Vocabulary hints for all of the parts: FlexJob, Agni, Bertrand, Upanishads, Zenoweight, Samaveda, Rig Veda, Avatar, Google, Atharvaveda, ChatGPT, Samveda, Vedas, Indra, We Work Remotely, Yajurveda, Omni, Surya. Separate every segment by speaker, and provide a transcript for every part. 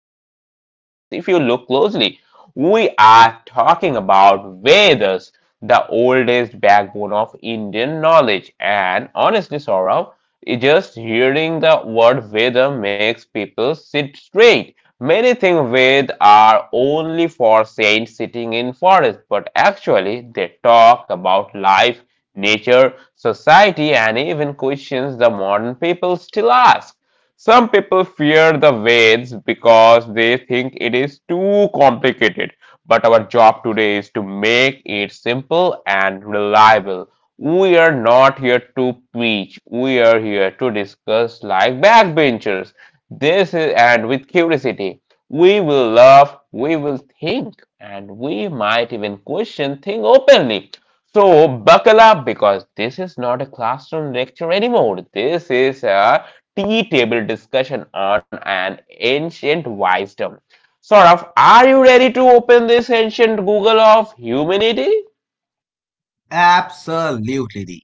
Speaker 1: and even memes if you look closely. We are talking about Vedas, the oldest backbone of Indian knowledge. And honestly, Saurav, just hearing the word Veda makes people sit straight. Many think Ved are only for saints sitting in forest, but actually they talk about life, nature, society, and even questions the modern people still ask. Some people fear the Vedas because they think it is too complicated, but our job today is to make it simple and reliable. We are not here to preach, we are here to discuss like backbenchers. This is, and with curiosity, we will love, we will think, and we might even question things openly. So, buckle up because this is not a classroom lecture anymore. This is a tea table discussion on an ancient wisdom. Saurav, are you ready to open this ancient Google of humanity?
Speaker 2: Absolutely.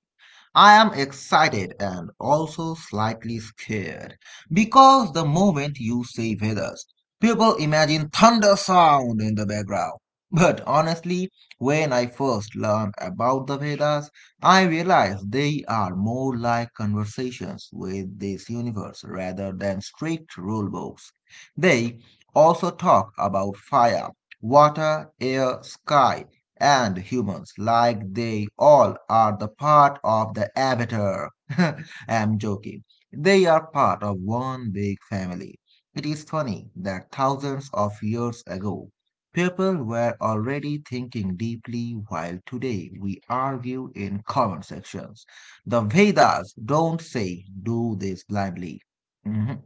Speaker 2: I am excited and also slightly scared because the moment you say Vedas, people imagine thunder sound in the background. But honestly, when I first learned about the Vedas, I realized they are more like conversations with this universe rather than strict rule books. They also talk about fire, water, air, sky, and humans, like they all are the part of the Avatar. I'm joking. They are part of one big family. It is funny that thousands of years ago, people were already thinking deeply, while today we argue in comment sections. The Vedas don't say do this blindly. Mhm.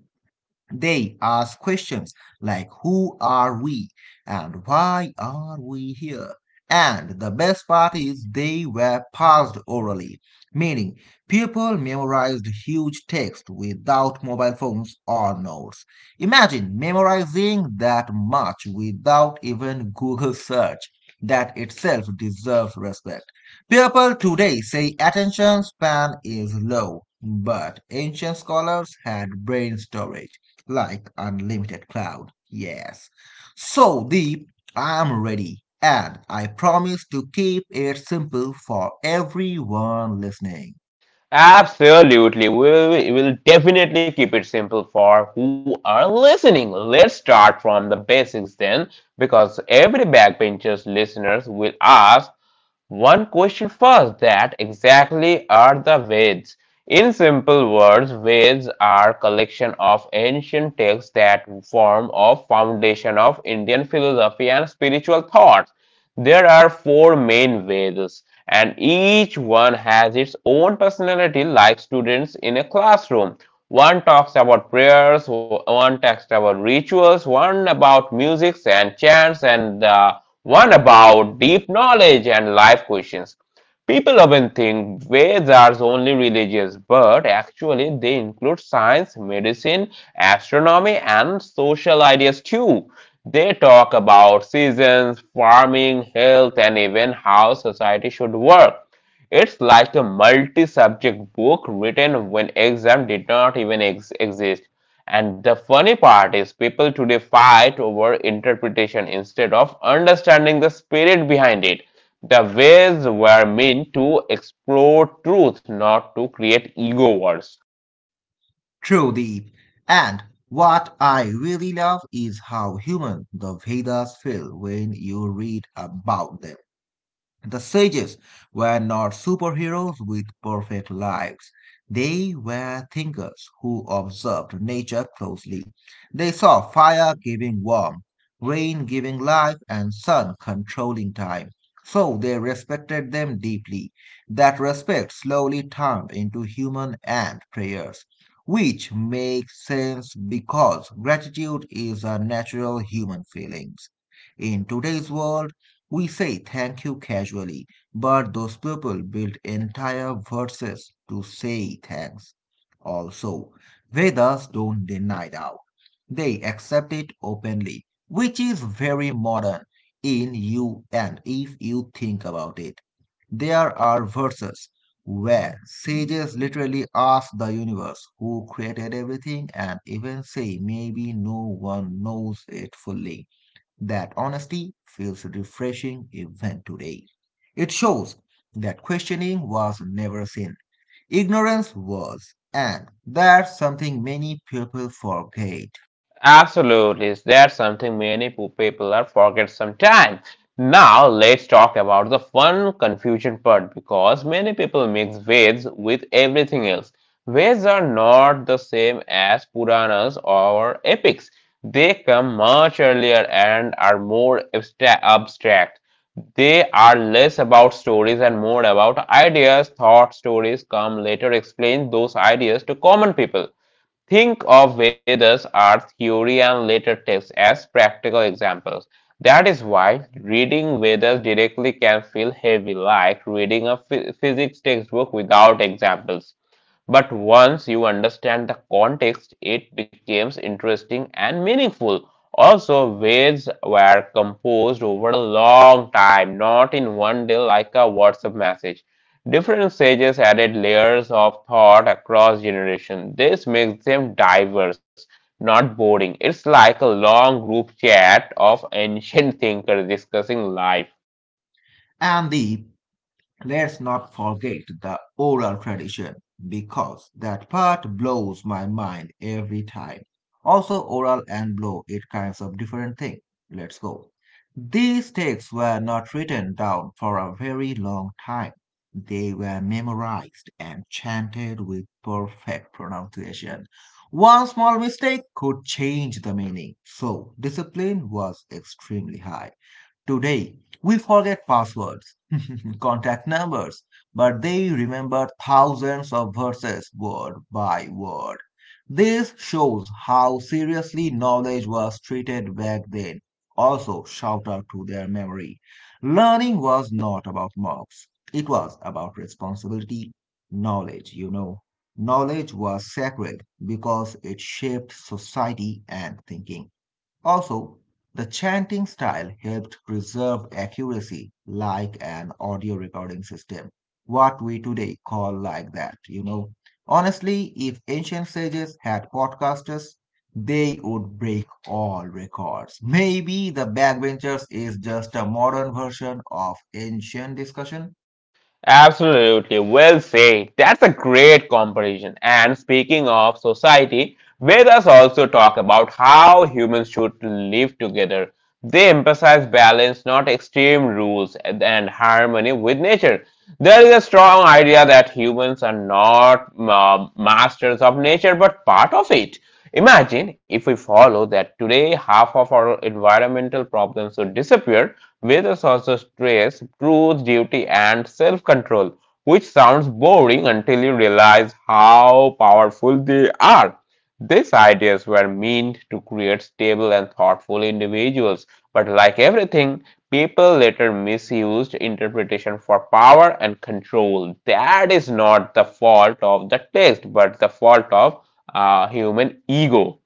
Speaker 2: They ask questions like who are we and why are we here? And the best part is they were passed orally, meaning people memorized huge text without mobile phones or notes. Imagine memorizing that much without even Google search. That itself deserves respect. People today say attention span is low, but ancient scholars had brain storage like unlimited cloud. Yes. So, Deep, I'm ready, and I promise to keep it simple for everyone listening.
Speaker 1: Absolutely. We will definitely keep it simple for who are listening. Let's start from the basics then, because every backbenchers listeners will ask one question first that exactly are the Vedas? In simple words, Vedas are collection of ancient texts that form a foundation of Indian philosophy and spiritual thoughts. There are four main Vedas, and each one has its own personality, like students in a classroom. One talks about prayers, one talks about rituals, one about music and chants, and one about deep knowledge and life questions. People often think Vedas are only religious, but actually they include science, medicine, astronomy, and social ideas too. They talk about seasons, farming, health, and even how society should work. It's like a multi subject book written when exam did not even exist. And the funny part is, people today fight over interpretation instead of understanding the spirit behind it. The ways were meant to explore truth, not to create ego wars.
Speaker 2: True, Deep. And what I really love is how human the Vedas feel when you read about them. The sages were not superheroes with perfect lives. They were thinkers who observed nature closely. They saw fire giving warmth, rain giving life, and sun controlling time. So they respected them deeply. That respect slowly turned into human and prayers, which makes sense because gratitude is a natural human feeling. In today's world, we say thank you casually, but those people build entire verses to say thanks. Also, Vedas don't deny doubt, they accept it openly, which is very modern in you and if you think about it. There are verses where sages literally ask the universe who created everything and even say maybe no one knows it fully. That honesty feels refreshing even today. It shows that questioning was never sin, ignorance was, and that's something many people forget.
Speaker 1: Absolutely, that's something many people are forget sometimes. Now let's talk about the fun confusion part because many people mix Veds with everything else. Veds are not the same as Puranas or epics. They come much earlier and are more abstract. They are less about stories and more about ideas. Thought stories come later explain those ideas to common people. Think of Vedas, our theory and later texts as practical examples. That is why reading Vedas directly can feel heavy, like reading a physics textbook without examples. But once you understand the context, it becomes interesting and meaningful. Also, words were composed over a long time, not in one day like a WhatsApp message. Different sages added layers of thought across generations. This makes them diverse, not boring. It's like a long group chat of ancient thinkers discussing life.
Speaker 2: And the Let's not forget the oral tradition because that part blows my mind every time. Also, oral and blow it kinds of different thing. Let's go. These texts were not written down for a very long time. They were memorized and chanted with perfect pronunciation. One small mistake could change the meaning, so discipline was extremely high. Today, we forget passwords, contact numbers, but they remember thousands of verses word by word. This shows how seriously knowledge was treated back then. Also, shout out to their memory. Learning was not about marks, it was about responsibility. Knowledge. Knowledge was sacred because it shaped society and thinking. Also, the chanting style helped preserve accuracy like an audio recording system, what we today call like that. Honestly, if ancient sages had podcasters, they would break all records. Maybe the backbenchers is just a modern version of ancient discussion.
Speaker 1: Absolutely, well said. That's a great comparison. And speaking of society, let us also talk about how humans should live together. They emphasize balance, not extreme rules, and harmony with nature. There is a strong idea that humans are not masters of nature but part of it. Imagine if we follow that today half of our environmental problems would disappear. Vedas also stress truth, duty, and self control, which sounds boring until you realize how powerful they are. These ideas were meant to create stable and thoughtful individuals, but like everything, people later misused interpretation for power and control. That is not the fault of the text, but the fault of human ego.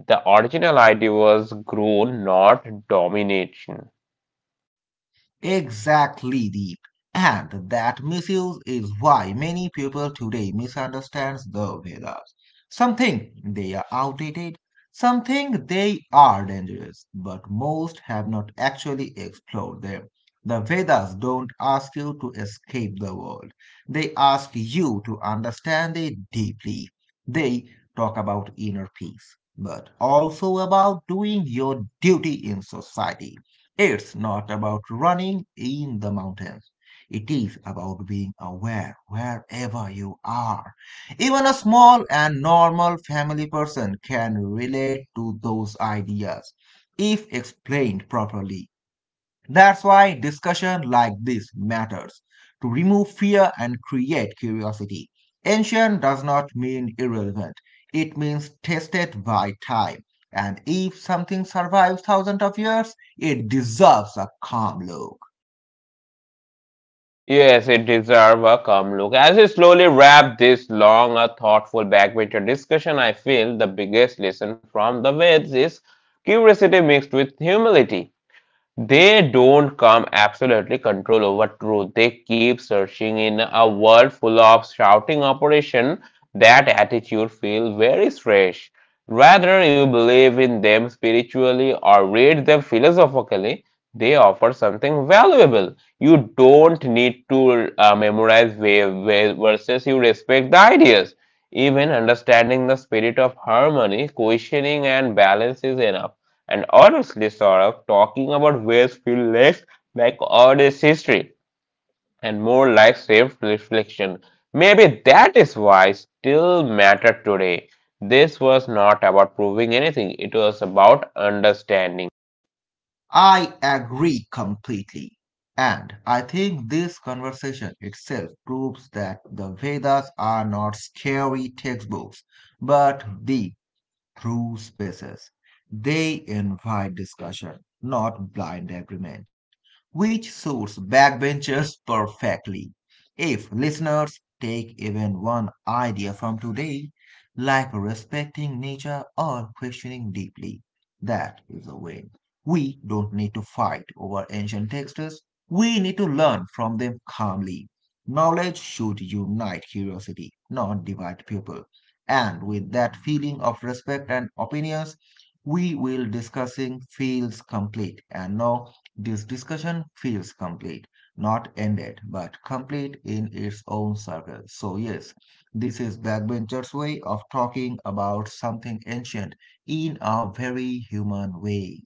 Speaker 1: The original idea was grown, not domination.
Speaker 2: Exactly, Deep. And that misuse is why many people today misunderstand the Vedas. Some think they are outdated, some think they are dangerous, but most have not actually explored them. The Vedas don't ask you to escape the world. They ask you to understand it deeply. They talk about inner peace, but also about doing your duty in society. It's not about running in the mountains. It is about being aware wherever you are. Even a small and normal family person can relate to those ideas if explained properly. That's why discussion like this matters to remove fear and create curiosity. Ancient does not mean irrelevant, it means tested by time. And if something survives thousands of years, it deserves a calm look.
Speaker 1: Yes, it deserves a calm look. As we slowly wrap this long, a thoughtful backbencher discussion, I feel the biggest lesson from the Veds is curiosity mixed with humility. They don't come absolutely control over truth. They keep searching in a world full of shouting operation. That attitude feels very strange. Rather, you believe in them spiritually or read them philosophically, they offer something valuable. You don't need to memorize verses, you respect the ideas. Even understanding the spirit of harmony, questioning, and balance is enough. And honestly, Saurabh, talking about waves feels less like Odyssey's history and more like self reflection. Maybe that is why still matter today. This was not about proving anything, it was about understanding.
Speaker 2: I agree completely. And I think this conversation itself proves that the Vedas are not scary textbooks, but deep through spaces. They invite discussion, not blind agreement, which suits backbenchers perfectly. If listeners take even one idea from today, like respecting nature or questioning deeply, that is a win. We don't need to fight over ancient texts, we need to learn from them calmly. Knowledge should unite curiosity, not divide people. And with that feeling of respect and opinions, we will discussing feels complete and now this discussion feels complete, not ended but complete in its own circle. So yes, this is backbencher's way of talking about something ancient in a very human way.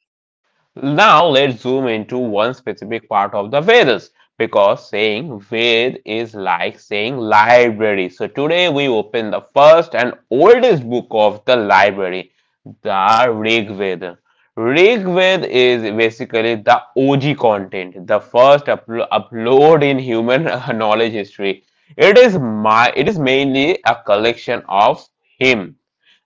Speaker 1: Now let's zoom into one specific part of the Vedas because saying Ved is like saying library. So today we open the first and oldest book of the library, the Rig Veda. Rig Veda is basically the OG content, the first upload in human knowledge history. It is mainly a collection of hymn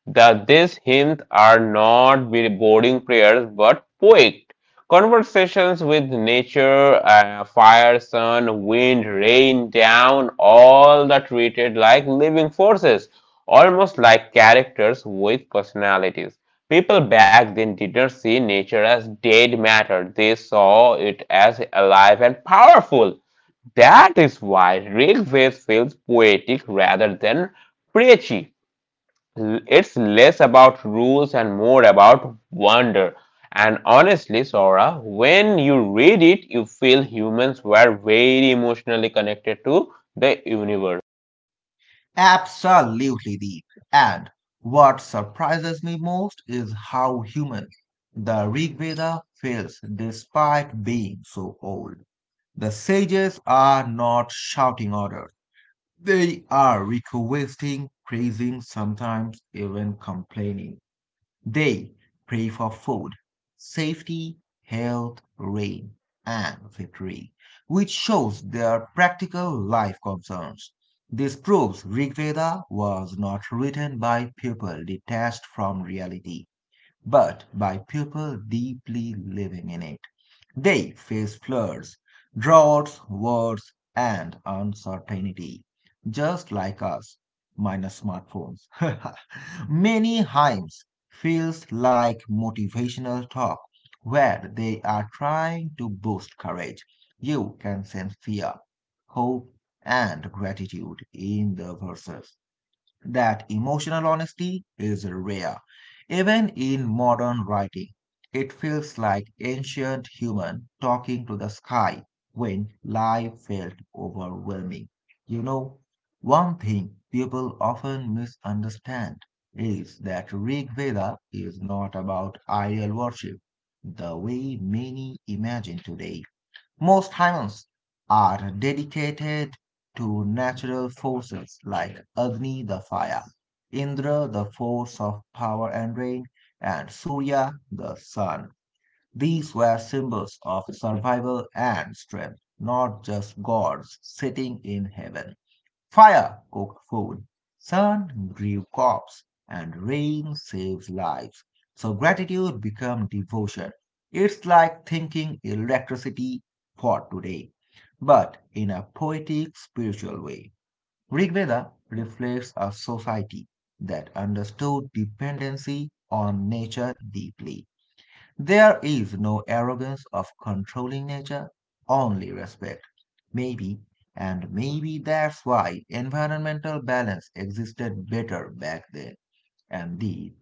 Speaker 1: that these hymns are not very boring prayers but poetic conversations with nature, fire, sun, wind, rain, down, all that treated like living forces, almost like characters with personalities. People back then didn't see nature as dead matter, they saw it as alive and powerful. That is why Rick Wakefield feels poetic rather than preachy. It's less about rules and more about wonder. And honestly, Sora, when you read it, you feel humans were very emotionally connected to the universe.
Speaker 2: Absolutely, Deep. And what surprises me most is how human the Rig Veda feels despite being so old. The sages are not shouting orders. They are requesting, praising, sometimes even complaining. They pray for food, safety, health, rain, and victory, which shows their practical life concerns. This proves Rig Veda was not written by people detached from reality but by people deeply living in it. They face floods, droughts, wars, and uncertainty, just like us, minus smartphones. Many hymns feels like motivational talk where they are trying to boost courage. You can sense fear, hope, and gratitude in the verses. That emotional honesty is rare. Even in modern writing, it feels like ancient human talking to the sky when life felt overwhelming. You know, one thing people often misunderstand is that Rig Veda is not about idol worship the way many imagine today. Most hymns are dedicated to natural forces like Agni the fire, Indra the force of power and rain, and Surya the sun. These were symbols of survival and strength, not just gods sitting in heaven. Fire cooked food, sun grew crops, and rain saves lives. So gratitude becomes devotion. It's like thinking electricity for today, but in a poetic, spiritual way. Rig Veda reflects a society that understood dependency on nature deeply. There is no arrogance of controlling nature, only respect. Maybe, maybe that's why environmental balance existed better back then. And the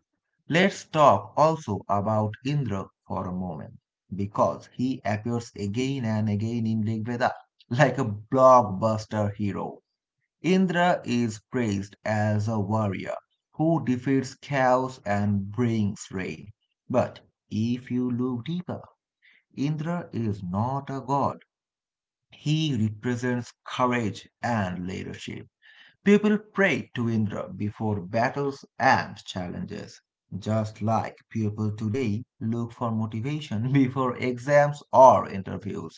Speaker 2: Let's talk also about Indra for a moment, because he appears again and again in Rigveda like a blockbuster hero. Indra is praised as a warrior who defeats chaos and brings rain. But if you look deeper, Indra is not a god, he represents courage and leadership. People pray to Indra before battles and challenges, just like people today look for motivation before exams or interviews.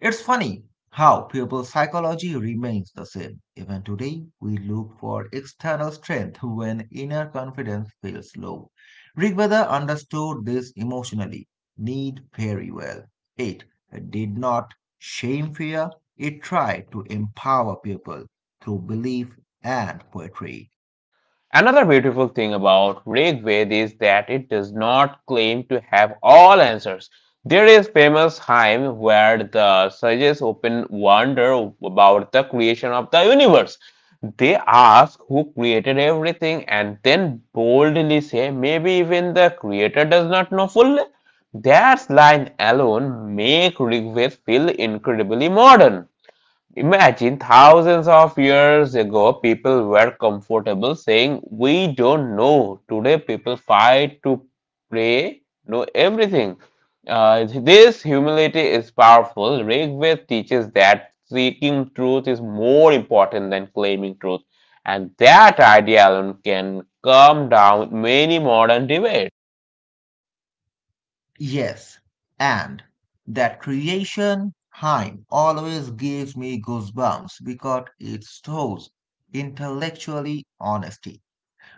Speaker 2: It's funny how people's psychology remains the same. Even today, we look for external strength when inner confidence feels low. Rigveda understood this emotionally need very well. It did not shame fear, it tried to empower people through belief and poetry.
Speaker 1: Another beautiful thing about Rigveda is that it does not claim to have all answers. There is famous hymn where the sages open wonder about the creation of the universe. They ask who created everything and then boldly say, maybe even the creator does not know fully. That line alone makes Rigveda feel incredibly modern. Imagine thousands of years ago, people were comfortable saying, we don't know. Today, people fight to pray, know everything. This humility is powerful. Rigved teaches that seeking truth is more important than claiming truth, and that idea alone can calm down many modern debates.
Speaker 2: Yes, and that creation hymn always gives me goosebumps because it stores intellectually honesty.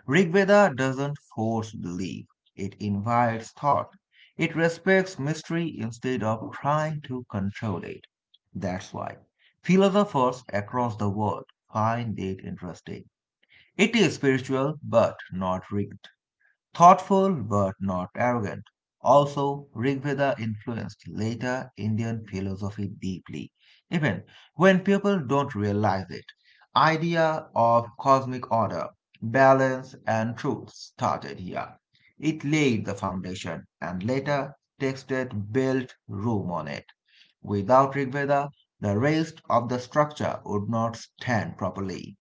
Speaker 2: Rig Veda doesn't force belief, it invites thought. It respects mystery instead of trying to control it. That's why philosophers across the world find it interesting. It is spiritual but not rigid. Thoughtful but not arrogant. Also, Rigveda influenced later Indian philosophy deeply, even when people don't realize it. Idea of cosmic order, balance, and truth started here. It laid the foundation, and later texted built room on it. Without Rigveda, the rest of the structure would not stand properly.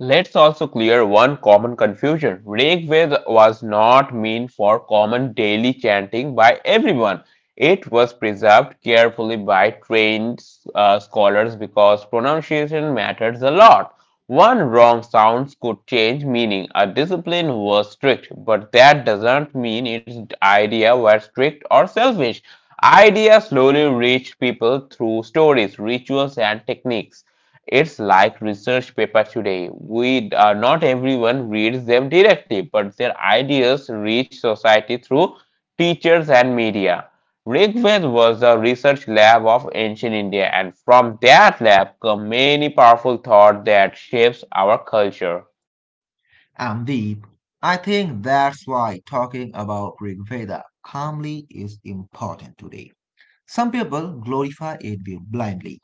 Speaker 1: Let's also clear one common confusion. Rigveda was not meant for common daily chanting by everyone. It was preserved carefully by trained scholars because pronunciation matters a lot. One wrong sound could change meaning. A discipline was strict, but that doesn't mean its idea were strict or selfish. Ideas slowly reached people through stories, rituals, and techniques. It's like research paper today. We Not everyone reads them directly, but their ideas reach society through teachers and media. Rigveda was the research lab of ancient India, and from that lab come many powerful thought that shapes our culture.
Speaker 2: I'm Deep. I think that's why talking about Rig Veda calmly is important today. Some people glorify it blindly,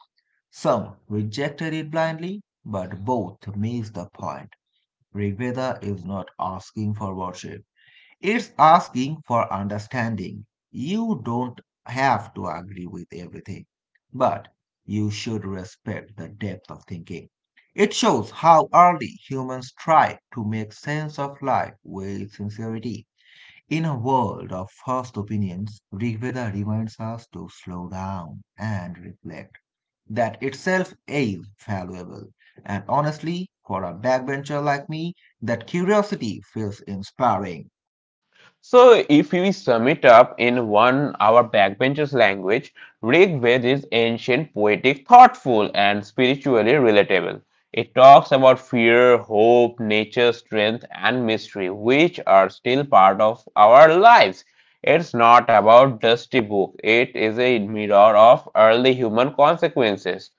Speaker 2: some rejected it blindly, but both miss the point. Rig Veda is not asking for worship. It's asking for understanding. You don't have to agree with everything, but you should respect the depth of thinking. It shows how early humans tried to make sense of life with sincerity. In a world of first opinions, Rig Veda reminds us to slow down and reflect. That itself is valuable. And honestly, for a backbencher like me, that curiosity feels inspiring.
Speaker 1: So if we sum it up in one our backbenchers language, Rig Veda is ancient, poetic, thoughtful, and spiritually relatable. It talks about fear, hope, nature, strength, and mystery, which are still part of our lives. It's not about just a book. It is a mirror of early human consequences.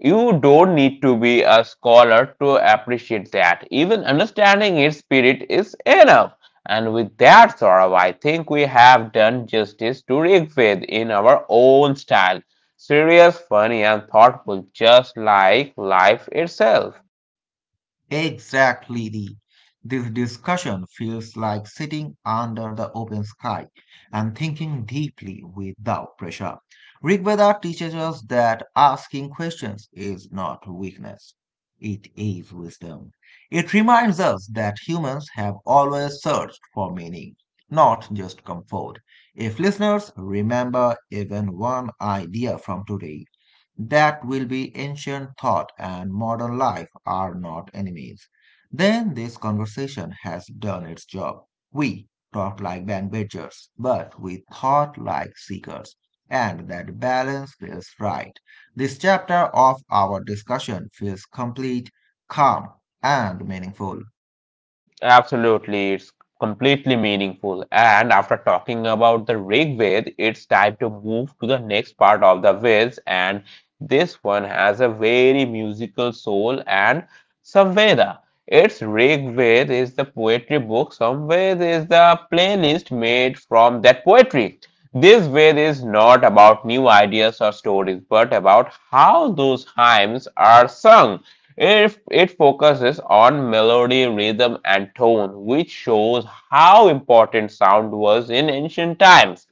Speaker 1: You don't need to be a scholar to appreciate that. Even understanding its spirit is enough. And with that, Saurav, I think we have done justice to Rigved in our own style. Serious, funny, and thoughtful, just like life itself.
Speaker 2: Exactly. This discussion feels like sitting under the open sky and thinking deeply without pressure. Rig Veda teaches us that asking questions is not weakness, it is wisdom. It reminds us that humans have always searched for meaning, not just comfort. If listeners remember even one idea from today, that will be ancient thought and modern life are not enemies, then this conversation has done its job. We talked like bandwidthers, but we thought like seekers, and that balance feels right. This chapter of our discussion feels complete, calm, and meaningful.
Speaker 1: Absolutely, it's completely meaningful. And after talking about the Rig Ved, it's time to move to the next part of the Veds, and this one has a very musical soul and Samveda. Its Rig Ved is the poetry book, Samved is the playlist made from that poetry. This Ved is not about new ideas or stories, but about how those hymns are sung. If it focuses on melody, rhythm, and tone, which shows how important sound was in ancient times.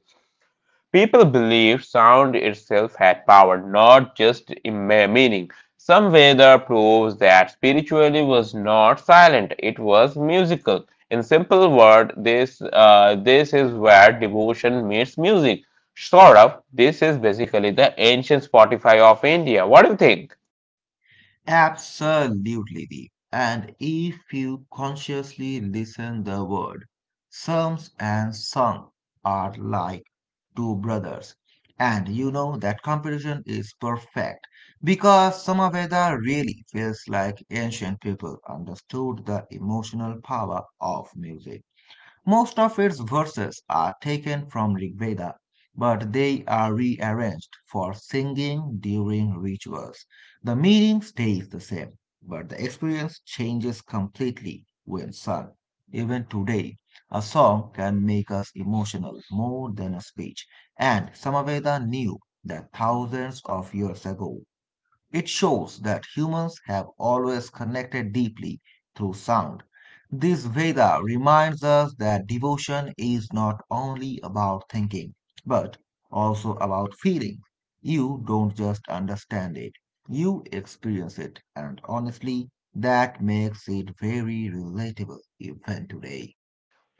Speaker 1: People believed sound itself had power, not just meaning. Some Veda proves that spirituality was not silent, it was musical. In simple word, this is where devotion meets music. Sort of, this is basically the ancient Spotify of India. What do you think?
Speaker 2: Absolutely, Deep. And if you consciously listen the word, psalms and song are like two brothers. And you know that comparison is perfect because Samaveda really feels like ancient people understood the emotional power of music. Most of its verses are taken from Rig Veda, but they are rearranged for singing during rituals. The meaning stays the same, but the experience changes completely when sung. Even today, a song can make us emotional more than a speech, and Samaveda knew that thousands of years ago. It shows that humans have always connected deeply through sound. This Veda reminds us that devotion is not only about thinking, but also about feeling. You don't just understand it, you experience it, and honestly, that makes it very relatable even today.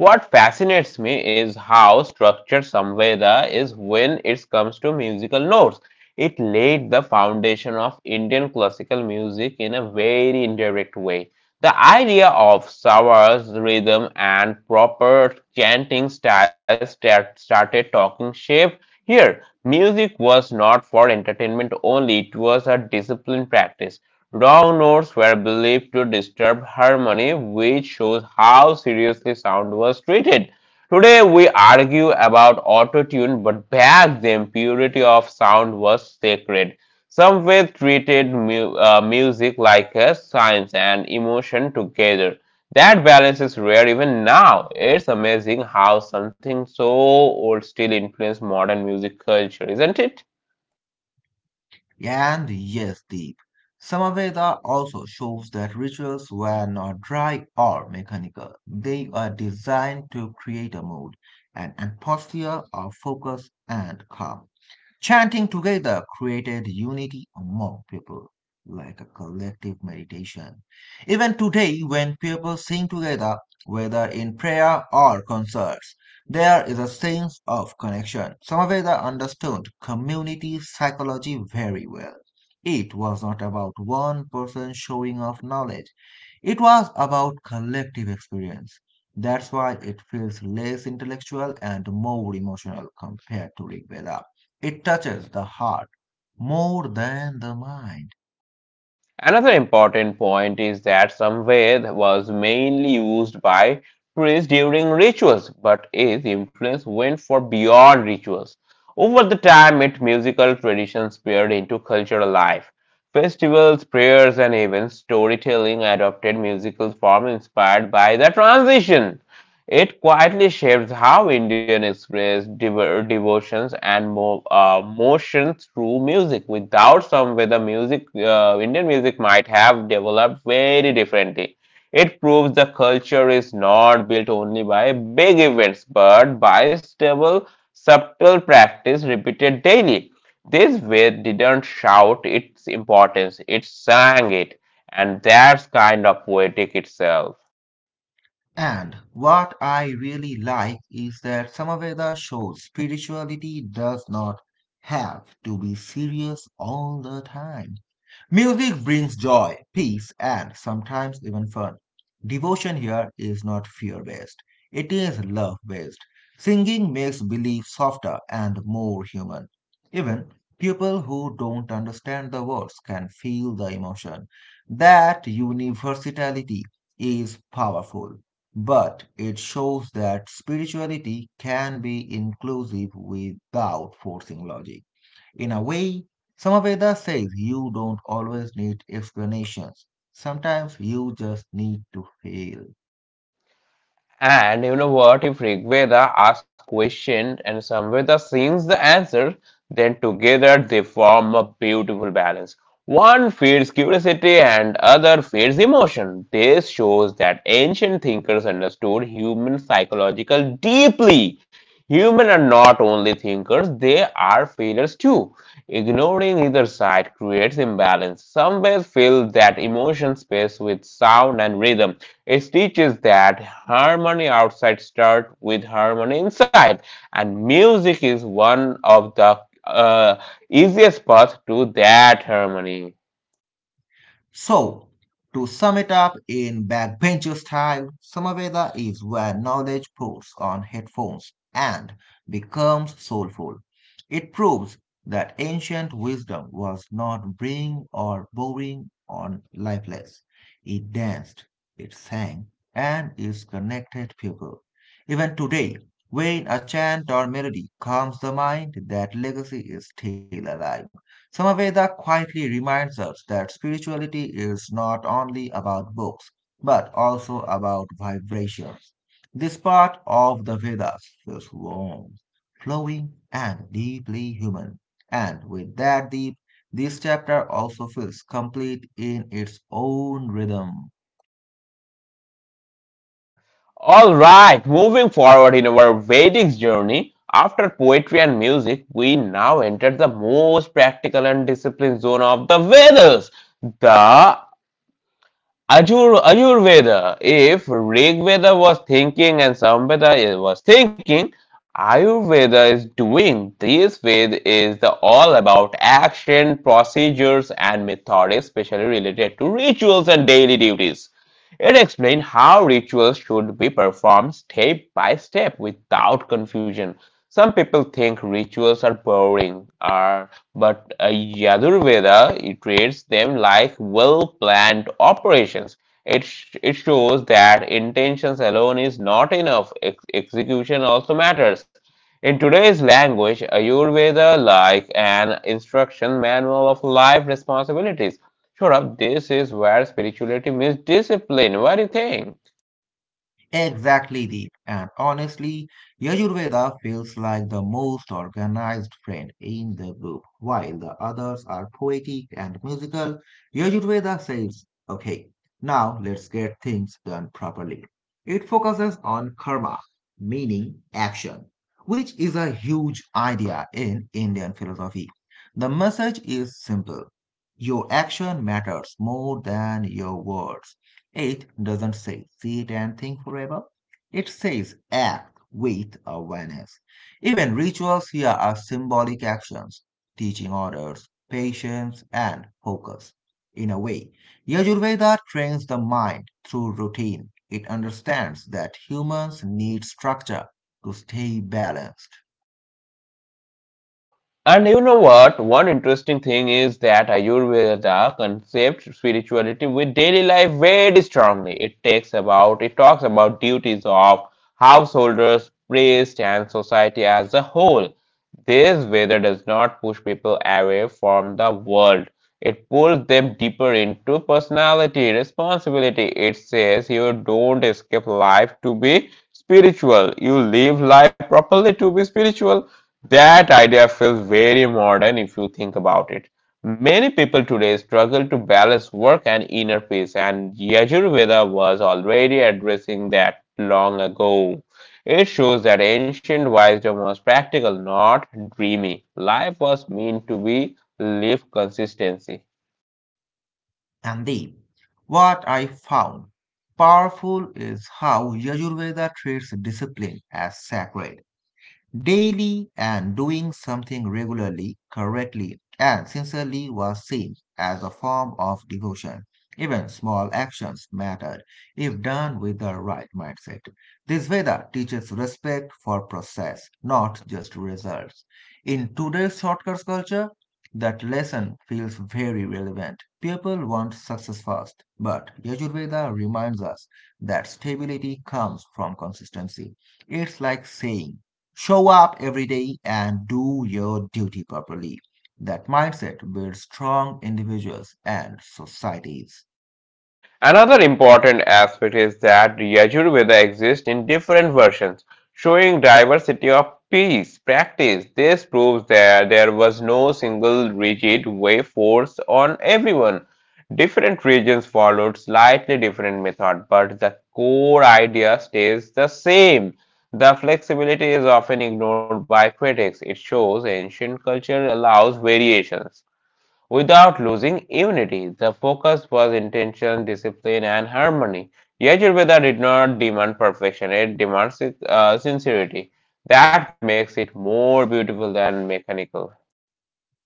Speaker 1: What fascinates me is how structured Samveda is when it comes to musical notes. It laid the foundation of Indian classical music in a very indirect way. The idea of sawas, rhythm, and proper chanting styles that started talking shape here. Music was not for entertainment only, it was a disciplined practice. Wrong notes were believed to disturb harmony, which shows how seriously sound was treated. Today we argue about auto-tune, but back then purity of sound was sacred. Some way treated music like a science and emotion together. That balance is rare even now. It's amazing how something so old still influences modern music culture, isn't it?
Speaker 2: And yes, Deep, Samaveda also shows that rituals were not dry or mechanical. They were designed to create a mood, an atmosphere of focus and calm. Chanting together created unity among people, like a collective meditation. Even today, when people sing together, whether in prayer or concerts, there is a sense of connection. Samaveda understood community psychology very well. It was not about one person showing off knowledge. It was about collective experience. That's why it feels less intellectual and more emotional compared to Rig Veda. It touches the heart more than the mind.
Speaker 1: Another important point is that Samved was mainly used by priests during rituals, but its influence went far beyond rituals. Over the time, its musical traditions spread into cultural life. Festivals, prayers, and even storytelling adopted musical form inspired by the transition. It quietly shapes how Indian express devotions and motion through music. Without some whether music, Indian music might have developed very differently. It proves the culture is not built only by big events, but by stable, subtle practice repeated daily. This way didn't shout its importance, it sang it, and that's kind of poetic itself.
Speaker 2: And what I really like is that Samaveda shows spirituality does not have to be serious all the time. Music brings joy, peace, and sometimes even fun. Devotion here is not fear based, it is love based. Singing makes belief softer and more human. Even people who don't understand the words can feel the emotion. That universality is powerful, but it shows that spirituality can be inclusive without forcing logic. In a way, Samaveda says you don't always need explanations. Sometimes you just need to feel.
Speaker 1: And you know what? If Rigveda asks question and Samveda sings the answer, then together they form a beautiful balance. One feeds curiosity and other feeds emotion. This shows that ancient thinkers understood human psychological deeply. Humans are not only thinkers, they are feelers too. Ignoring either side creates imbalance. Some ways fill that emotion space with sound and rhythm. It teaches that harmony outside starts with harmony inside, and music is one of the uh, easiest path to that harmony.
Speaker 2: So, to sum it up in backbencher style, Samaveda is where knowledge puts on headphones and becomes soulful. It proves that ancient wisdom was not bring or boring or lifeless. It danced, it sang, and it connected people. Even today, when a chant or melody calms the mind, that legacy is still alive. Samaveda quietly reminds us that spirituality is not only about books, but also about vibrations. This part of the Vedas feels warm, flowing, and deeply human. And with that deep, this chapter also feels complete in its own rhythm.
Speaker 1: All right, moving forward in our Vedic journey, after poetry and music, we now enter the most practical and disciplined zone of the Vedas, the Ayurveda, if Rig Veda was thinking and Samveda was thinking, Ayurveda is doing. This Ved is the all about action, procedures, and method, especially related to rituals and daily duties. It explains how rituals should be performed step by step without confusion. Some people think rituals are boring. Are but Yajurveda it treats them like well-planned operations. It shows that intentions alone is not enough. Execution also matters. In today's language, Ayurveda like an instruction manual of life responsibilities. Sure, this is where spirituality meets discipline. What do you think?
Speaker 2: Exactly, Deep. And honestly, Yajurveda feels like the most organized friend in the group. While the others are poetic and musical, Yajurveda says, okay, now let's get things done properly. It focuses on karma, meaning action, which is a huge idea in Indian philosophy. The message is simple. Your action matters more than your words. It doesn't say sit and think forever. It says act with awareness. Even rituals here are symbolic actions, teaching orders, patience, and focus. In a way, Yajurveda trains the mind through routine. It understands that humans need structure to stay balanced.
Speaker 1: And you know what? One interesting thing is that Ayurveda concept spirituality with daily life very strongly. It talks about duties of householders, priests, and society as a whole. This Veda does not push people away from the world. It pulls them deeper into personality, responsibility. It says you don't escape life to be spiritual. You live life properly to be spiritual. That idea feels very modern if you think about it. Many people today struggle to balance work and inner peace, and Yajurveda was already addressing that long ago. It shows that ancient wisdom was practical, not dreamy. Life was meant to be lived consistently.
Speaker 2: And the, what I found powerful is how Yajurveda treats discipline as sacred. Daily and doing something regularly, correctly, and sincerely was seen as a form of devotion. Even small actions mattered if done with the right mindset. This Veda teaches respect for process, not just results. In today's shortcuts culture, that lesson feels very relevant. People want success fast, but Yajurveda reminds us that stability comes from consistency. It's like saying, show up every day and do your duty properly. That mindset builds strong individuals and societies.
Speaker 1: Another important aspect is that Yajurveda exists in different versions, showing diversity of peace practice. This proves that there was no single rigid way forced on everyone. Different regions followed slightly different method, but the core idea stays the same. The flexibility is often ignored by critics. It shows ancient culture allows variations without losing unity. The focus was intention, discipline, and harmony. Yajurveda did not demand perfection, it demands sincerity. That makes it more beautiful than mechanical.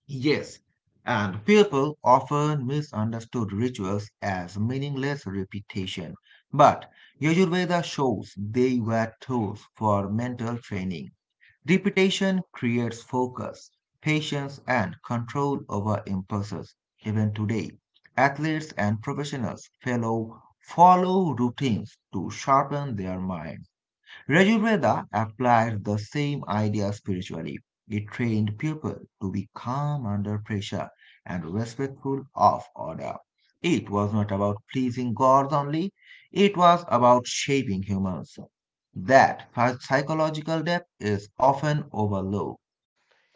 Speaker 2: Yes, and people often misunderstood rituals as meaningless repetition, but Yajurveda shows they were tools for mental training. Repetition creates focus, patience, and control over impulses. Even today, athletes and professionals fellow follow routines to sharpen their minds. Yajurveda applied the same idea spiritually. It trained people to be calm under pressure and respectful of order. It was not about pleasing gods only, it was about shaping humans. That psychological depth is often overlooked.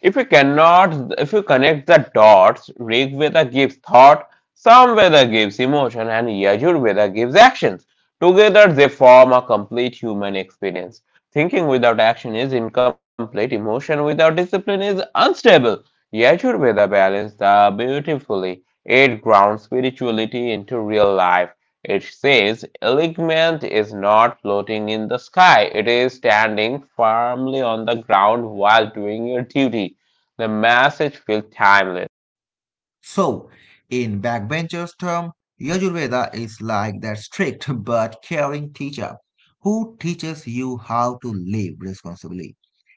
Speaker 1: If you connect the dots, Rig Veda gives thought, Sam Veda gives emotion, and Yajur Veda gives actions. Together, they form a complete human experience. Thinking without action is incomplete, emotion without discipline is unstable. Yajur Veda balances the beautifully. It grounds spirituality into real life. It says, Enlightenment is not floating in the sky, it is standing firmly on the ground while doing your duty. The message feels timeless.
Speaker 2: So, in backbenchers' term, Yajurveda is like that strict but caring teacher who teaches you how to live responsibly.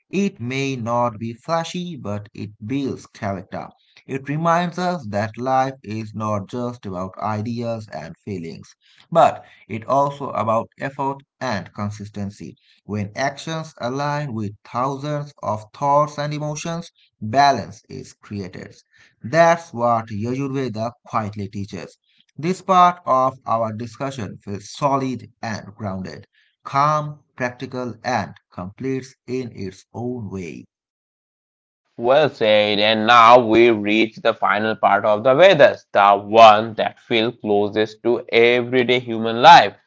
Speaker 2: It may not be flashy, but it builds character. It reminds us that life is not just about ideas and feelings, but it also about effort and consistency. When actions align with thousands of thoughts and emotions, balance is created. That's what Yajurveda quietly teaches. This part of our discussion feels solid and grounded, calm, practical, and complex in its own way.
Speaker 1: Well said, and now we reach the final part of the Vedas, the one that feels closest to everyday human life,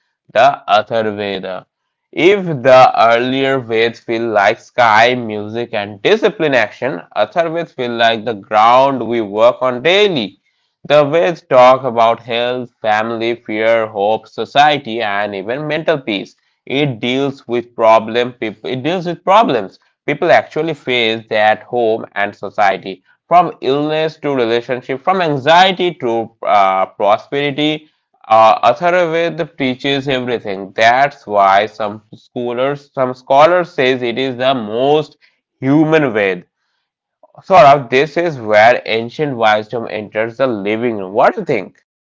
Speaker 1: the Atharvaveda. If the earlier Veds feel like sky, music, and discipline action, Atharvaveda feel like the ground we work on daily. The Veds talk about health, family, fear, hope, society, and even mental peace. It deals with problems people actually face at home and society from illness to relationship from anxiety to prosperity atharvaved teaches everything that's why some scholars says it is the most human ved. Sort of, this is where ancient wisdom enters the living room. What do you think?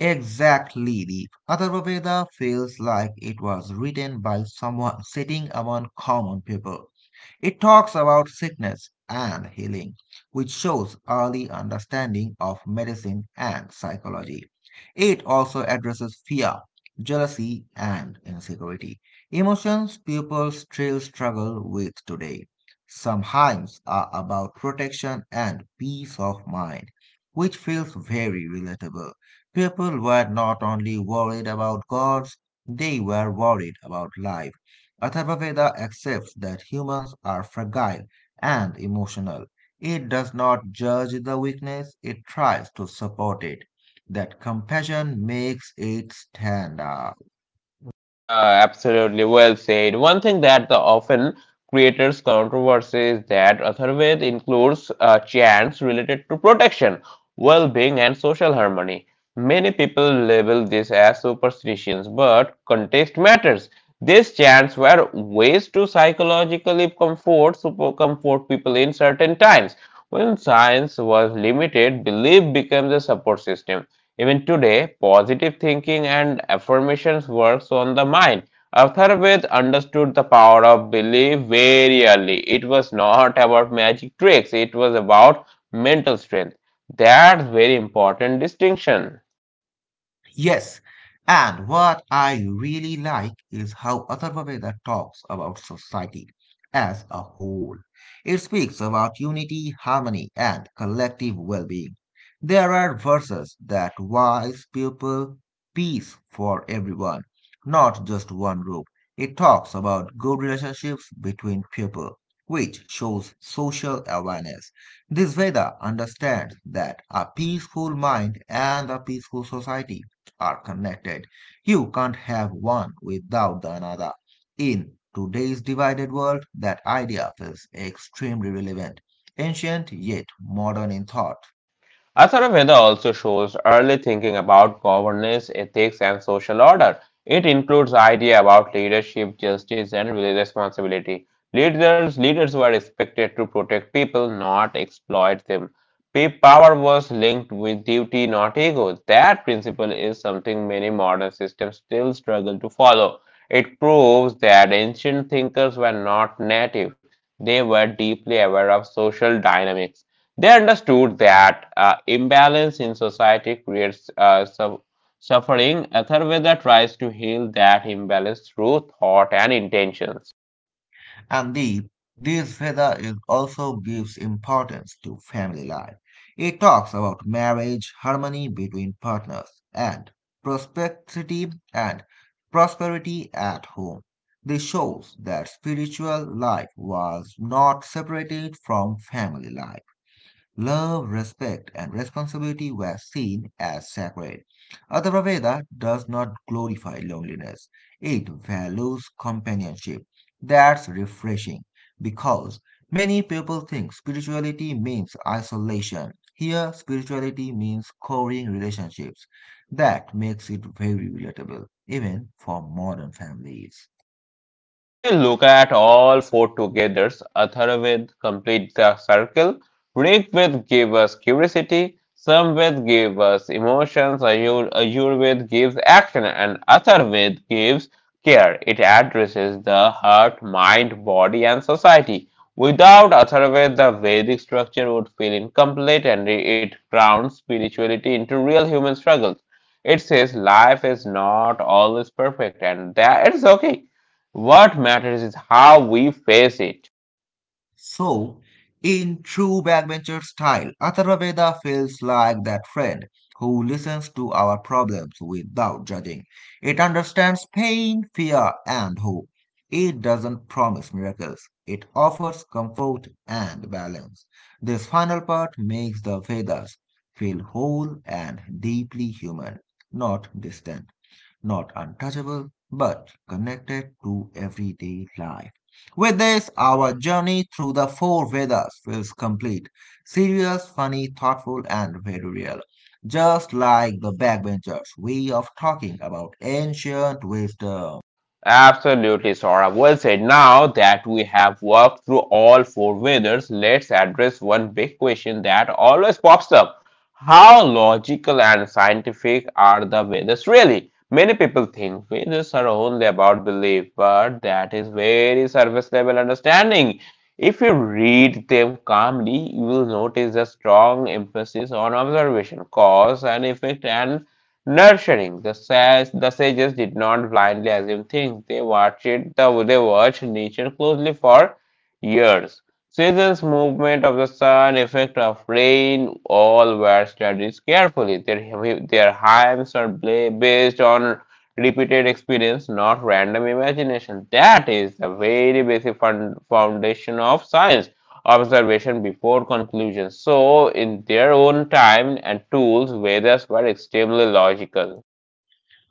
Speaker 2: Exactly. The Atharvaveda feels like it was written by someone sitting among common people. It talks about sickness and healing, which shows early understanding of medicine and psychology. It also addresses fear, jealousy, and insecurity, emotions people still struggle with today. Some hymns are about protection and peace of mind, which feels very relatable. People were not only worried about gods, they were worried about life. Atharvaveda accepts that humans are fragile and emotional. It does not judge the weakness, it tries to support it. That compassion makes it stand up.
Speaker 1: Yeah, absolutely. Well said. One thing that the often creates controversy is that Atharved includes chants related to protection, well-being, and social harmony. Many people label this as superstitions, but context matters. These chants were ways to psychologically comfort, super comfort people in certain times. When science was limited, belief became the support system. Even today, positive thinking and affirmations works on the mind. Atharvaveda understood the power of belief very early. It was not about magic tricks, it was about mental strength. That's very important distinction.
Speaker 2: Yes, and what I really like is how Atharva Veda talks about society as a whole. It speaks about unity, harmony, and collective well being. There are verses that wise people, peace for everyone, not just one group. It talks about good relationships between people, which shows social awareness. This Veda understands that a peaceful mind and a peaceful society are connected. You can't have one without the another. In today's divided world, that idea feels extremely relevant, ancient yet modern in thought.
Speaker 1: Athara Veda also shows early thinking about governance, ethics, and social order. It includes idea about leadership, justice, and responsibility. Leaders were expected to protect people, not exploit them. Power was linked with duty, not ego. That principle is something many modern systems still struggle to follow. It proves that ancient thinkers were not native; they were deeply aware of social dynamics. They understood that imbalance in society creates suffering. Atharveda tries to heal that imbalance through thought and intentions.
Speaker 2: And the this feather is also gives importance to family life. It talks about marriage, harmony between partners, and prosperity at home. This shows that spiritual life was not separated from family life. Love, respect, and responsibility were seen as sacred. Atharva does not glorify loneliness, it values companionship. That's refreshing because many people think spirituality means isolation. Here, spirituality means coring relationships. That makes it very relatable, even for modern families.
Speaker 1: When you look at all four together, Atharvaved completes the circle. Rigved gives us curiosity, Samved gives us emotions, Ayurved gives action, and Atharvaved gives care. It addresses the heart, mind, body, and society. Without Atharvaved, the Vedic structure would feel incomplete and it grounds spirituality into real human struggles. It says life is not always perfect and that it's okay. What matters is how we face it.
Speaker 2: So, in true backbencher style, Atharvaveda feels like that friend who listens to our problems without judging. It understands pain, fear, and hope. It doesn't promise miracles. It offers comfort and balance. This final part makes the Vedas feel whole and deeply human, not distant, not untouchable, but connected to everyday life. With this, our journey through the four Vedas feels complete, serious, funny, thoughtful, and very real. Just like the backbenchers' way of talking about ancient wisdom.
Speaker 1: Absolutely, Sora. Well said. Now that we have worked through all four Vedas, let's address one big question that always pops up. How logical and scientific are the Vedas really? Many people think Vedas are only about belief, but that is very surface level understanding. If you read them calmly, you will notice a strong emphasis on observation, cause and effect, and nurturing. The sages did not blindly assume things. They watched nature closely for years. Seasons, movement of the sun, effect of rain, all were studied carefully. Their hymns are based on repeated experience, not random imagination. That is the very basic fund foundation of science observation before conclusion. So, in their own time and tools, Vedas were extremely logical.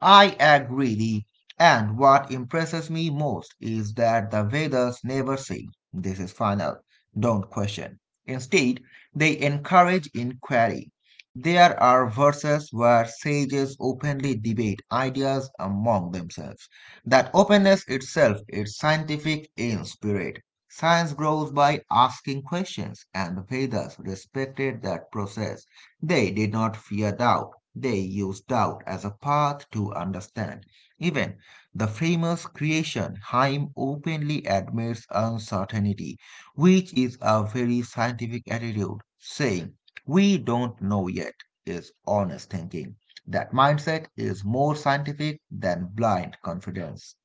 Speaker 2: I agree. And what impresses me most is that the Vedas never say, this is final, don't question. Instead, they encourage inquiry. There are verses where sages openly debate ideas among themselves. That openness itself is scientific in spirit. Science grows by asking questions, and the Vedas respected that process. They did not fear doubt, they used doubt as a path to understand. Even the famous creation, Heim openly admits uncertainty, which is a very scientific attitude, saying, we don't know yet, is honest thinking. That mindset is more scientific than blind confidence.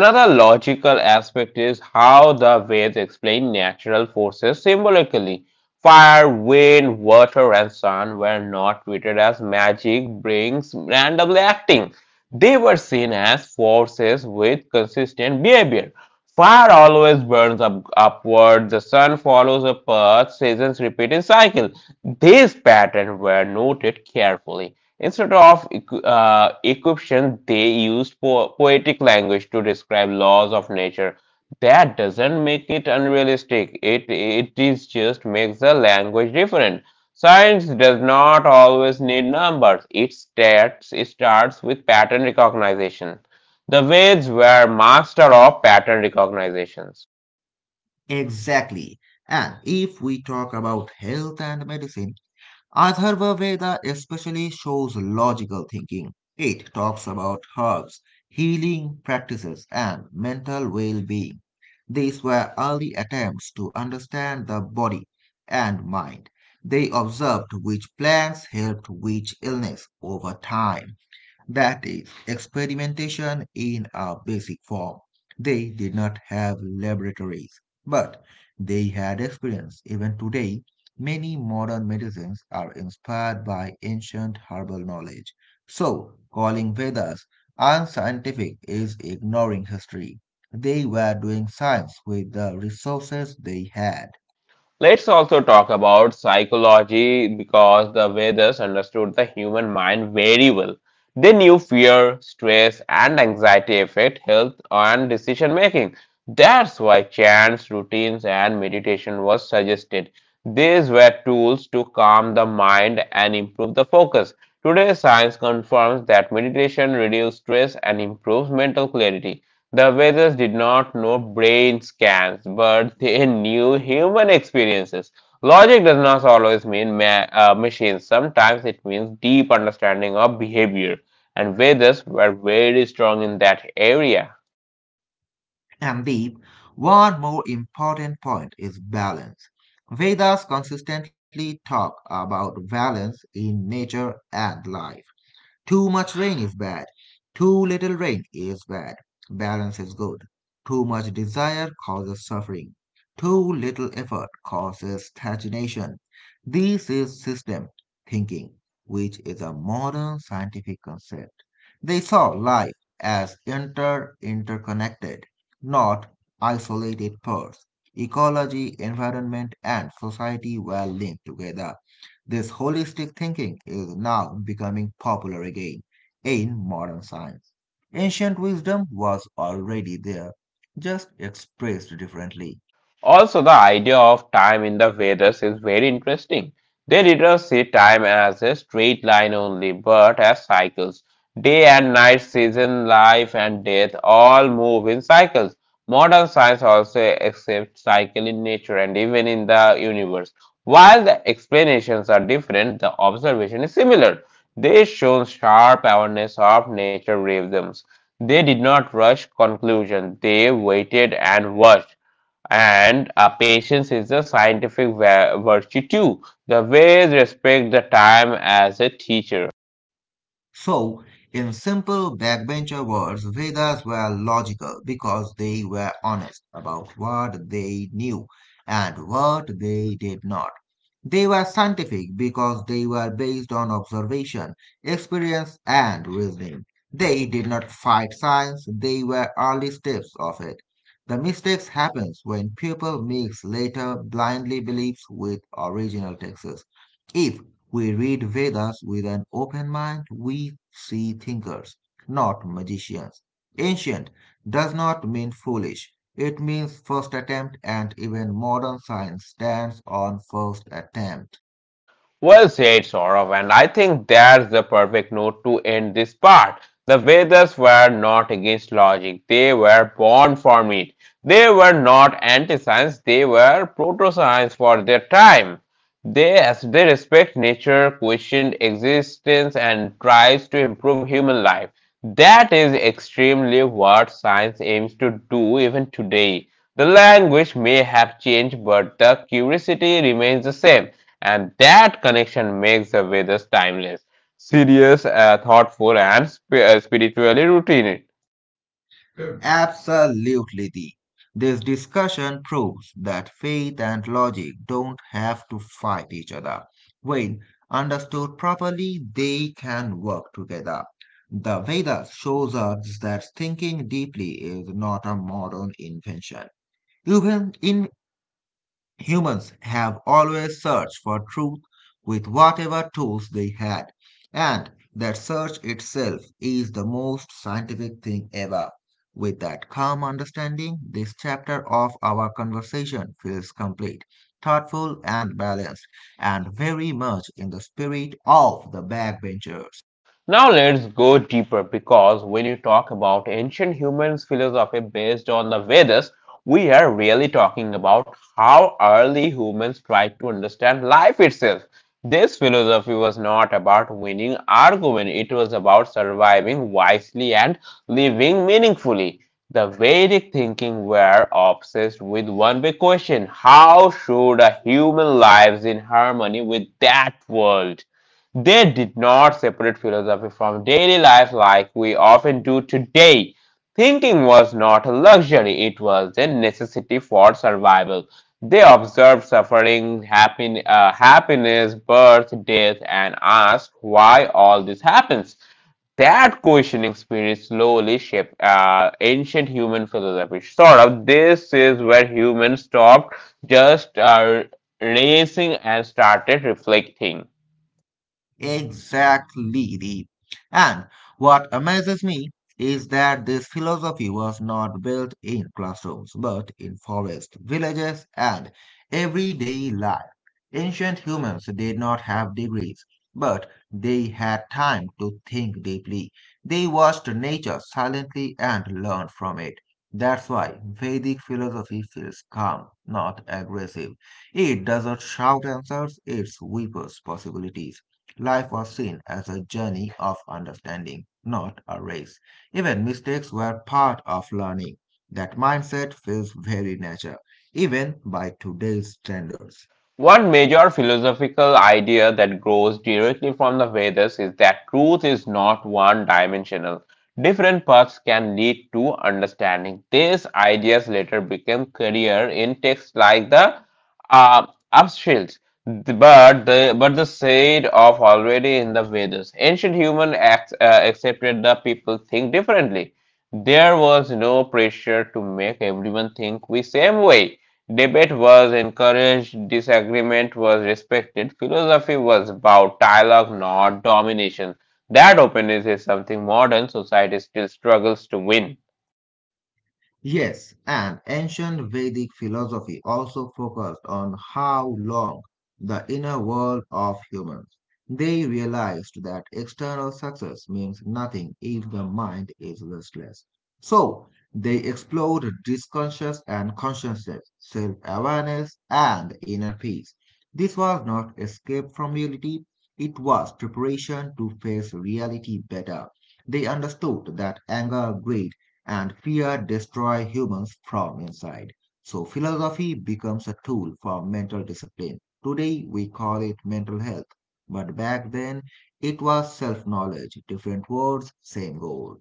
Speaker 1: Another logical aspect is how the Veds explain natural forces symbolically. Fire, wind, water, and sun were not treated as magic brings randomly acting. They were seen as forces with consistent behavior. Fire always upward, the sun follows a path, seasons repeat in cycle. These patterns were noted carefully. Instead of equiption, they used poetic language to describe laws of nature. That doesn't make it unrealistic. It is just makes the language different. Science does not always need numbers. It starts with pattern recognition. The Veds were master of pattern recognition.
Speaker 2: Exactly. And if we talk about health and medicine, Atharva Veda especially shows logical thinking. It talks about herbs, healing practices, and mental well being. These were early attempts to understand the body and mind. They observed which plants helped which illness over time, that is, experimentation in a basic form. They did not have laboratories, but they had experience. Even today, many modern medicines are inspired by ancient herbal knowledge. So, calling Vedas unscientific is ignoring history. They were doing science with the resources they had.
Speaker 1: Let's also talk about psychology because the Vedas understood the human mind very well. They knew fear, stress, and anxiety affect health and decision making. That's why chants, routines, and meditation was suggested. These were tools to calm the mind and improve the focus. Today, science confirms that meditation reduces stress and improves mental clarity. The Vedas did not know brain scans, but they knew human experiences. Logic does not always mean machines, sometimes it means deep understanding of behavior, and Vedas were very strong in that area.
Speaker 2: And B, one more important point is balance. Vedas consistently talk about balance in nature and life. Too much rain is bad. Too little rain is bad. Balance is good. Too much desire causes suffering. Too little effort causes stagnation. This is system thinking, which is a modern scientific concept. They saw life as interconnected, not isolated parts. Ecology, environment, and society were linked together. This holistic thinking is now becoming popular again in modern science. Ancient wisdom was already there, just expressed differently.
Speaker 1: Also, the idea of time in the Vedas is very interesting. They didn't see time as a straight line only, but as cycles. Day and night, season, life and death all move in cycles. Modern science also accepts cycle in nature and even in the universe. While the explanations are different, the observation is similar. They show sharp awareness of nature rhythms. They did not rush conclusion. They waited and watched and patience is a scientific virtue too. The ways respect the time as a teacher.
Speaker 2: So, in simple backbencher words, Vedas were logical because they were honest about what they knew and what they did not. They were scientific because they were based on observation, experience, and reasoning. They did not fight science, they were early steps of it. The mistakes happens when people mix later blindly beliefs with original texts. If we read Vedas with an open mind. We see thinkers, not magicians. Ancient does not mean foolish. It means first attempt, and even modern science stands on first attempt.
Speaker 1: Well said, Saurav, and I think that's the perfect note to end this part. The Vedas were not against logic, they were born from it. They were not anti science, they were proto science for their time. They, as they respect nature, question existence, and tries to improve human life. That is extremely what science aims to do even today. The language may have changed, but the curiosity remains the same, and that connection makes the Vedas timeless, serious, thoughtful, and spiritually routine.
Speaker 2: Absolutely. The This discussion proves that faith and logic don't have to fight each other. When understood properly, they can work together. The Vedas shows us that thinking deeply is not a modern invention. Even in humans have always searched for truth with whatever tools they had, and that search itself is the most scientific thing ever. With that calm understanding, this chapter of our conversation feels complete, thoughtful, and balanced, and very much in the spirit of the backbenchers.
Speaker 1: Now let's go deeper because when you talk about ancient human philosophy based on the Vedas, we are really talking about how early humans tried to understand life itself. This philosophy was not about winning argument, it was about surviving wisely and living meaningfully. The Vedic thinking were obsessed with one big question how should a human lives in harmony with that world? They did not separate philosophy from daily life like we often do today. Thinking was not a luxury, it was a necessity for survival. They observed suffering, happiness, birth, death, and asked why all this happens. That questioning spirit slowly shaped ancient human philosophy. Sort of, this is where humans stopped just racing and started reflecting.
Speaker 2: Exactly, Deep. And what amazes me is that this philosophy was not built in classrooms, but in forests, villages, and everyday life. Ancient humans did not have degrees, but they had time to think deeply. They watched nature silently and learned from it. That's why Vedic philosophy feels calm, not aggressive. It doesn't shout answers, it whispers possibilities. Life was seen as a journey of understanding, not a race. Even mistakes were part of learning. That mindset feels very natural, even by today's standards.
Speaker 1: One major philosophical idea that grows directly from the Vedas is that truth is not one dimensional. Different paths can lead to understanding. These ideas later became clear in texts like the uh, Upanishads, but the said of already in the Vedas. Ancient human acts accepted the people think differently. There was no pressure to make everyone think the same way. Debate was encouraged, disagreement was respected. Philosophy was about dialogue, not domination. That openness is something modern society still struggles to win.
Speaker 2: Yes, and ancient Vedic philosophy also focused on how long the inner world of humans. They realized that external success means nothing if the mind is restless. So they explored disconscious and consciousness, self awareness, and inner peace. This was not escape from reality, it was preparation to face reality better. They understood that anger, greed, and fear destroy humans from inside. So philosophy becomes a tool for mental discipline. Today we call it mental health, but back then it was self knowledge, different words, same goal.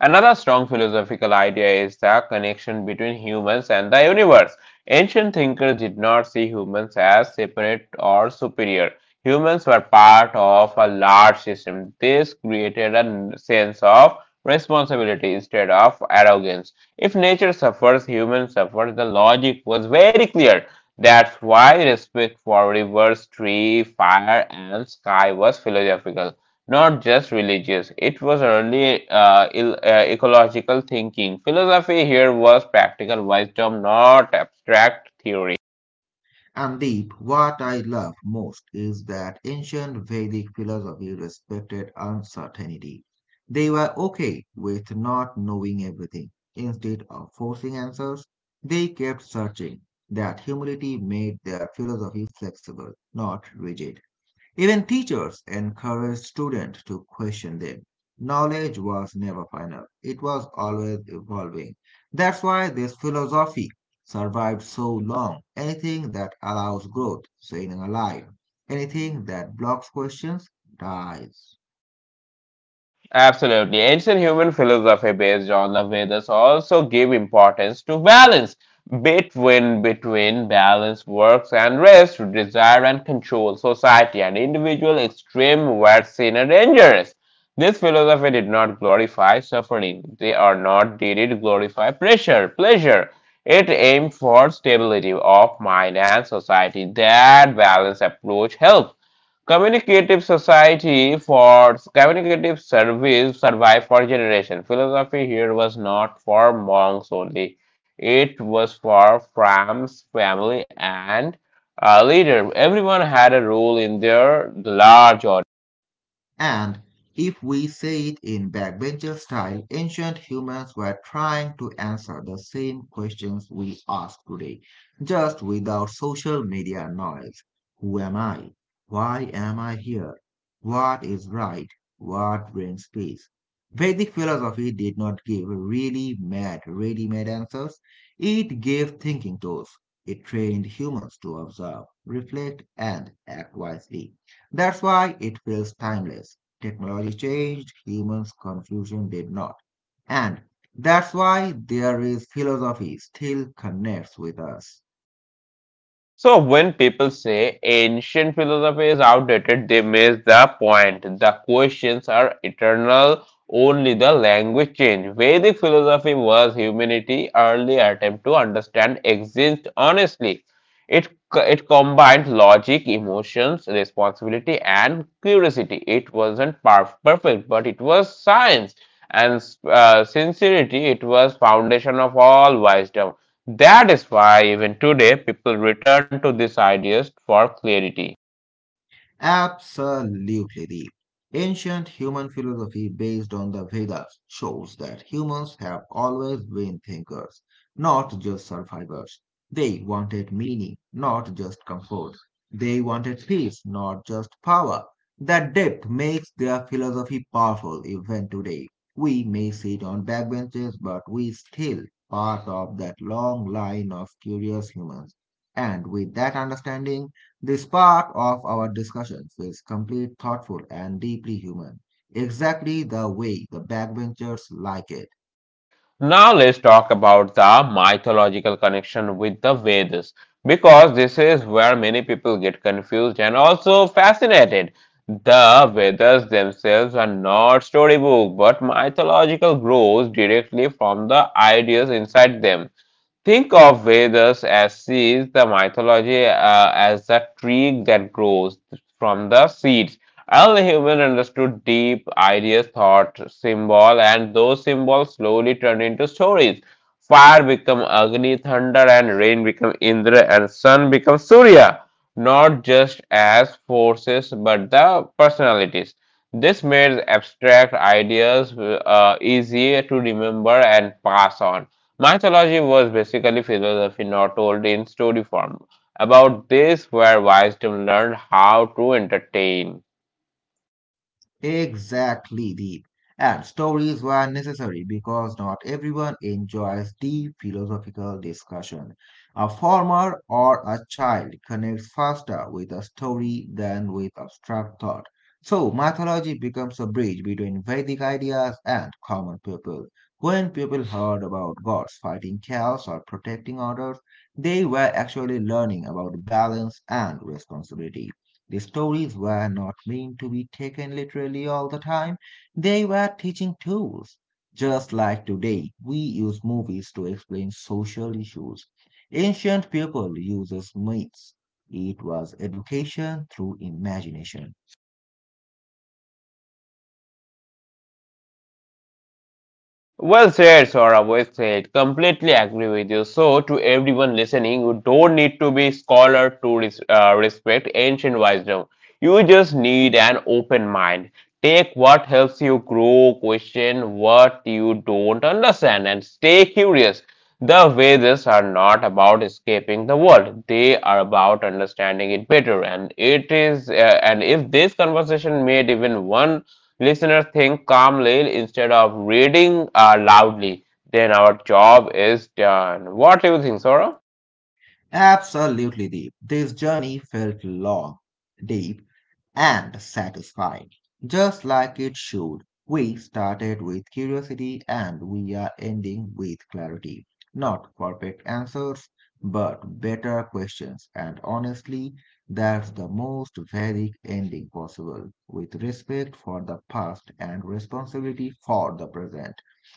Speaker 1: Another strong philosophical idea is the connection between humans and the universe. Ancient thinkers did not see humans as separate or superior. Humans were part of a large system. This created a sense of responsibility instead of arrogance. If nature suffers, humans suffer. The logic was very clear. That's why respect for rivers, tree, fire, and sky was philosophical not just religious. It was early ecological thinking. Philosophy here was practical wisdom, not abstract theory.
Speaker 2: And Deep, what I love most is that ancient Vedic philosophy respected uncertainty. They were okay with not knowing everything. Instead of forcing answers, they kept searching. That humility made their philosophy flexible, not rigid. Even teachers encouraged students to question them. Knowledge was never final, it was always evolving. That's why this philosophy survived so long. Anything that allows growth staying alive. Anything that blocks questions dies.
Speaker 1: Absolutely. Ancient human philosophy based on the Vedas also gave importance to balance. Between balance works and rest, desire and control, society and individual extreme were seen as dangerous. This philosophy did not glorify suffering. They are not did it glorify pressure, pleasure. It aimed for stability of mind and society. That balance approach helped Communicative society for communicative service survived for generations. Philosophy here was not for monks only; it was for farms, family, and a leader. Everyone had a role in their large or
Speaker 2: And if we say it in backbencher style, ancient humans were trying to answer the same questions we ask today, just without social media noise. Who am I? Why am I here? What is right? What brings peace? Vedic philosophy did not give really mad, ready-made answers. It gave thinking tools. It trained humans to observe, reflect, and act wisely. That's why it feels timeless. Technology changed, humans' confusion did not. And that's why there is philosophy still connects with us.
Speaker 1: so when people say ancient philosophy is outdated, they miss the point. The questions are eternal, only the language change. Vedic philosophy was humanity's early attempt to understand exist honestly. It, it combined logic, emotions, responsibility, and curiosity. It wasn't perfect, but it was science. And sincerity, it was foundation of all wisdom. That is why even today people return to these ideas for clarity.
Speaker 2: Absolutely, Deep. Ancient human philosophy based on the Vedas shows that humans have always been thinkers, not just survivors. They wanted meaning, not just comfort. They wanted peace, not just power. That depth makes their philosophy powerful even today. We may sit on backbenches, but we still part of that long line of curious humans. And with that understanding, the spark of our discussion feels complete, thoughtful, and deeply human, exactly the way the backbenchers like it.
Speaker 1: Now let's talk about the mythological connection with the Vedas because this is where many people get confused and also fascinated. The Vedas themselves are not storybook but mythological grows directly from the ideas inside them. Think of Vedas as seeds, the mythology as a tree that grows from the seeds. Early humans understood deep ideas, thought, symbol, and those symbols slowly turned into stories. Fire become Agni, thunder and rain become Indra, and sun become Surya, not just as forces but the personalities. This made abstract ideas easier to remember and pass on. Mythology was basically philosophy not told in story form. About this, where wisdom learned how to entertain.
Speaker 2: Exactly, Deep. And stories were necessary because not everyone enjoys deep philosophical discussion. A farmer or a child connects faster with a story than with abstract thought. So, mythology becomes a bridge between Vedic ideas and common people. When people heard about gods fighting chaos or protecting others, they were actually learning about balance and responsibility. The stories were not meant to be taken literally all the time, they were teaching tools. Just like today, we use movies to explain social issues. Ancient people uses myths. It was education through imagination.
Speaker 1: Well said, Saurabh. Well said. Completely agree with you. So, to everyone listening, you don't need to be scholar to respect ancient wisdom. You just need an open mind. Take what helps you grow, question what you don't understand, and stay curious. The Vedas are not about escaping the world; they are about understanding it better. And it is, and if this conversation made even one Listeners think calmly instead of reading loudly. Then our job is done. What do you think, Sora?
Speaker 2: Absolutely deep. This journey felt long, deep, and satisfying, just like it should. We started with curiosity and we are ending with clarity. Not perfect answers, but better questions. And honestly, that's the most Vedic ending possible, with respect for the past and responsibility for the present.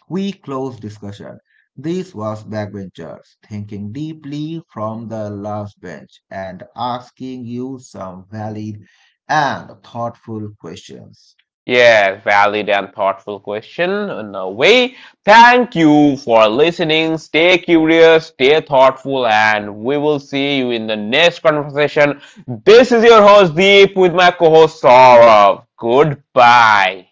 Speaker 2: We close discussion. This was backbenchers thinking deeply from the last bench and asking you some valid and thoughtful questions.
Speaker 1: Yes, valid and thoughtful question in a way. Thank you for listening. Stay curious, stay thoughtful, and we will see you in the next conversation. This is your host Deep with my co host Saurav. Goodbye.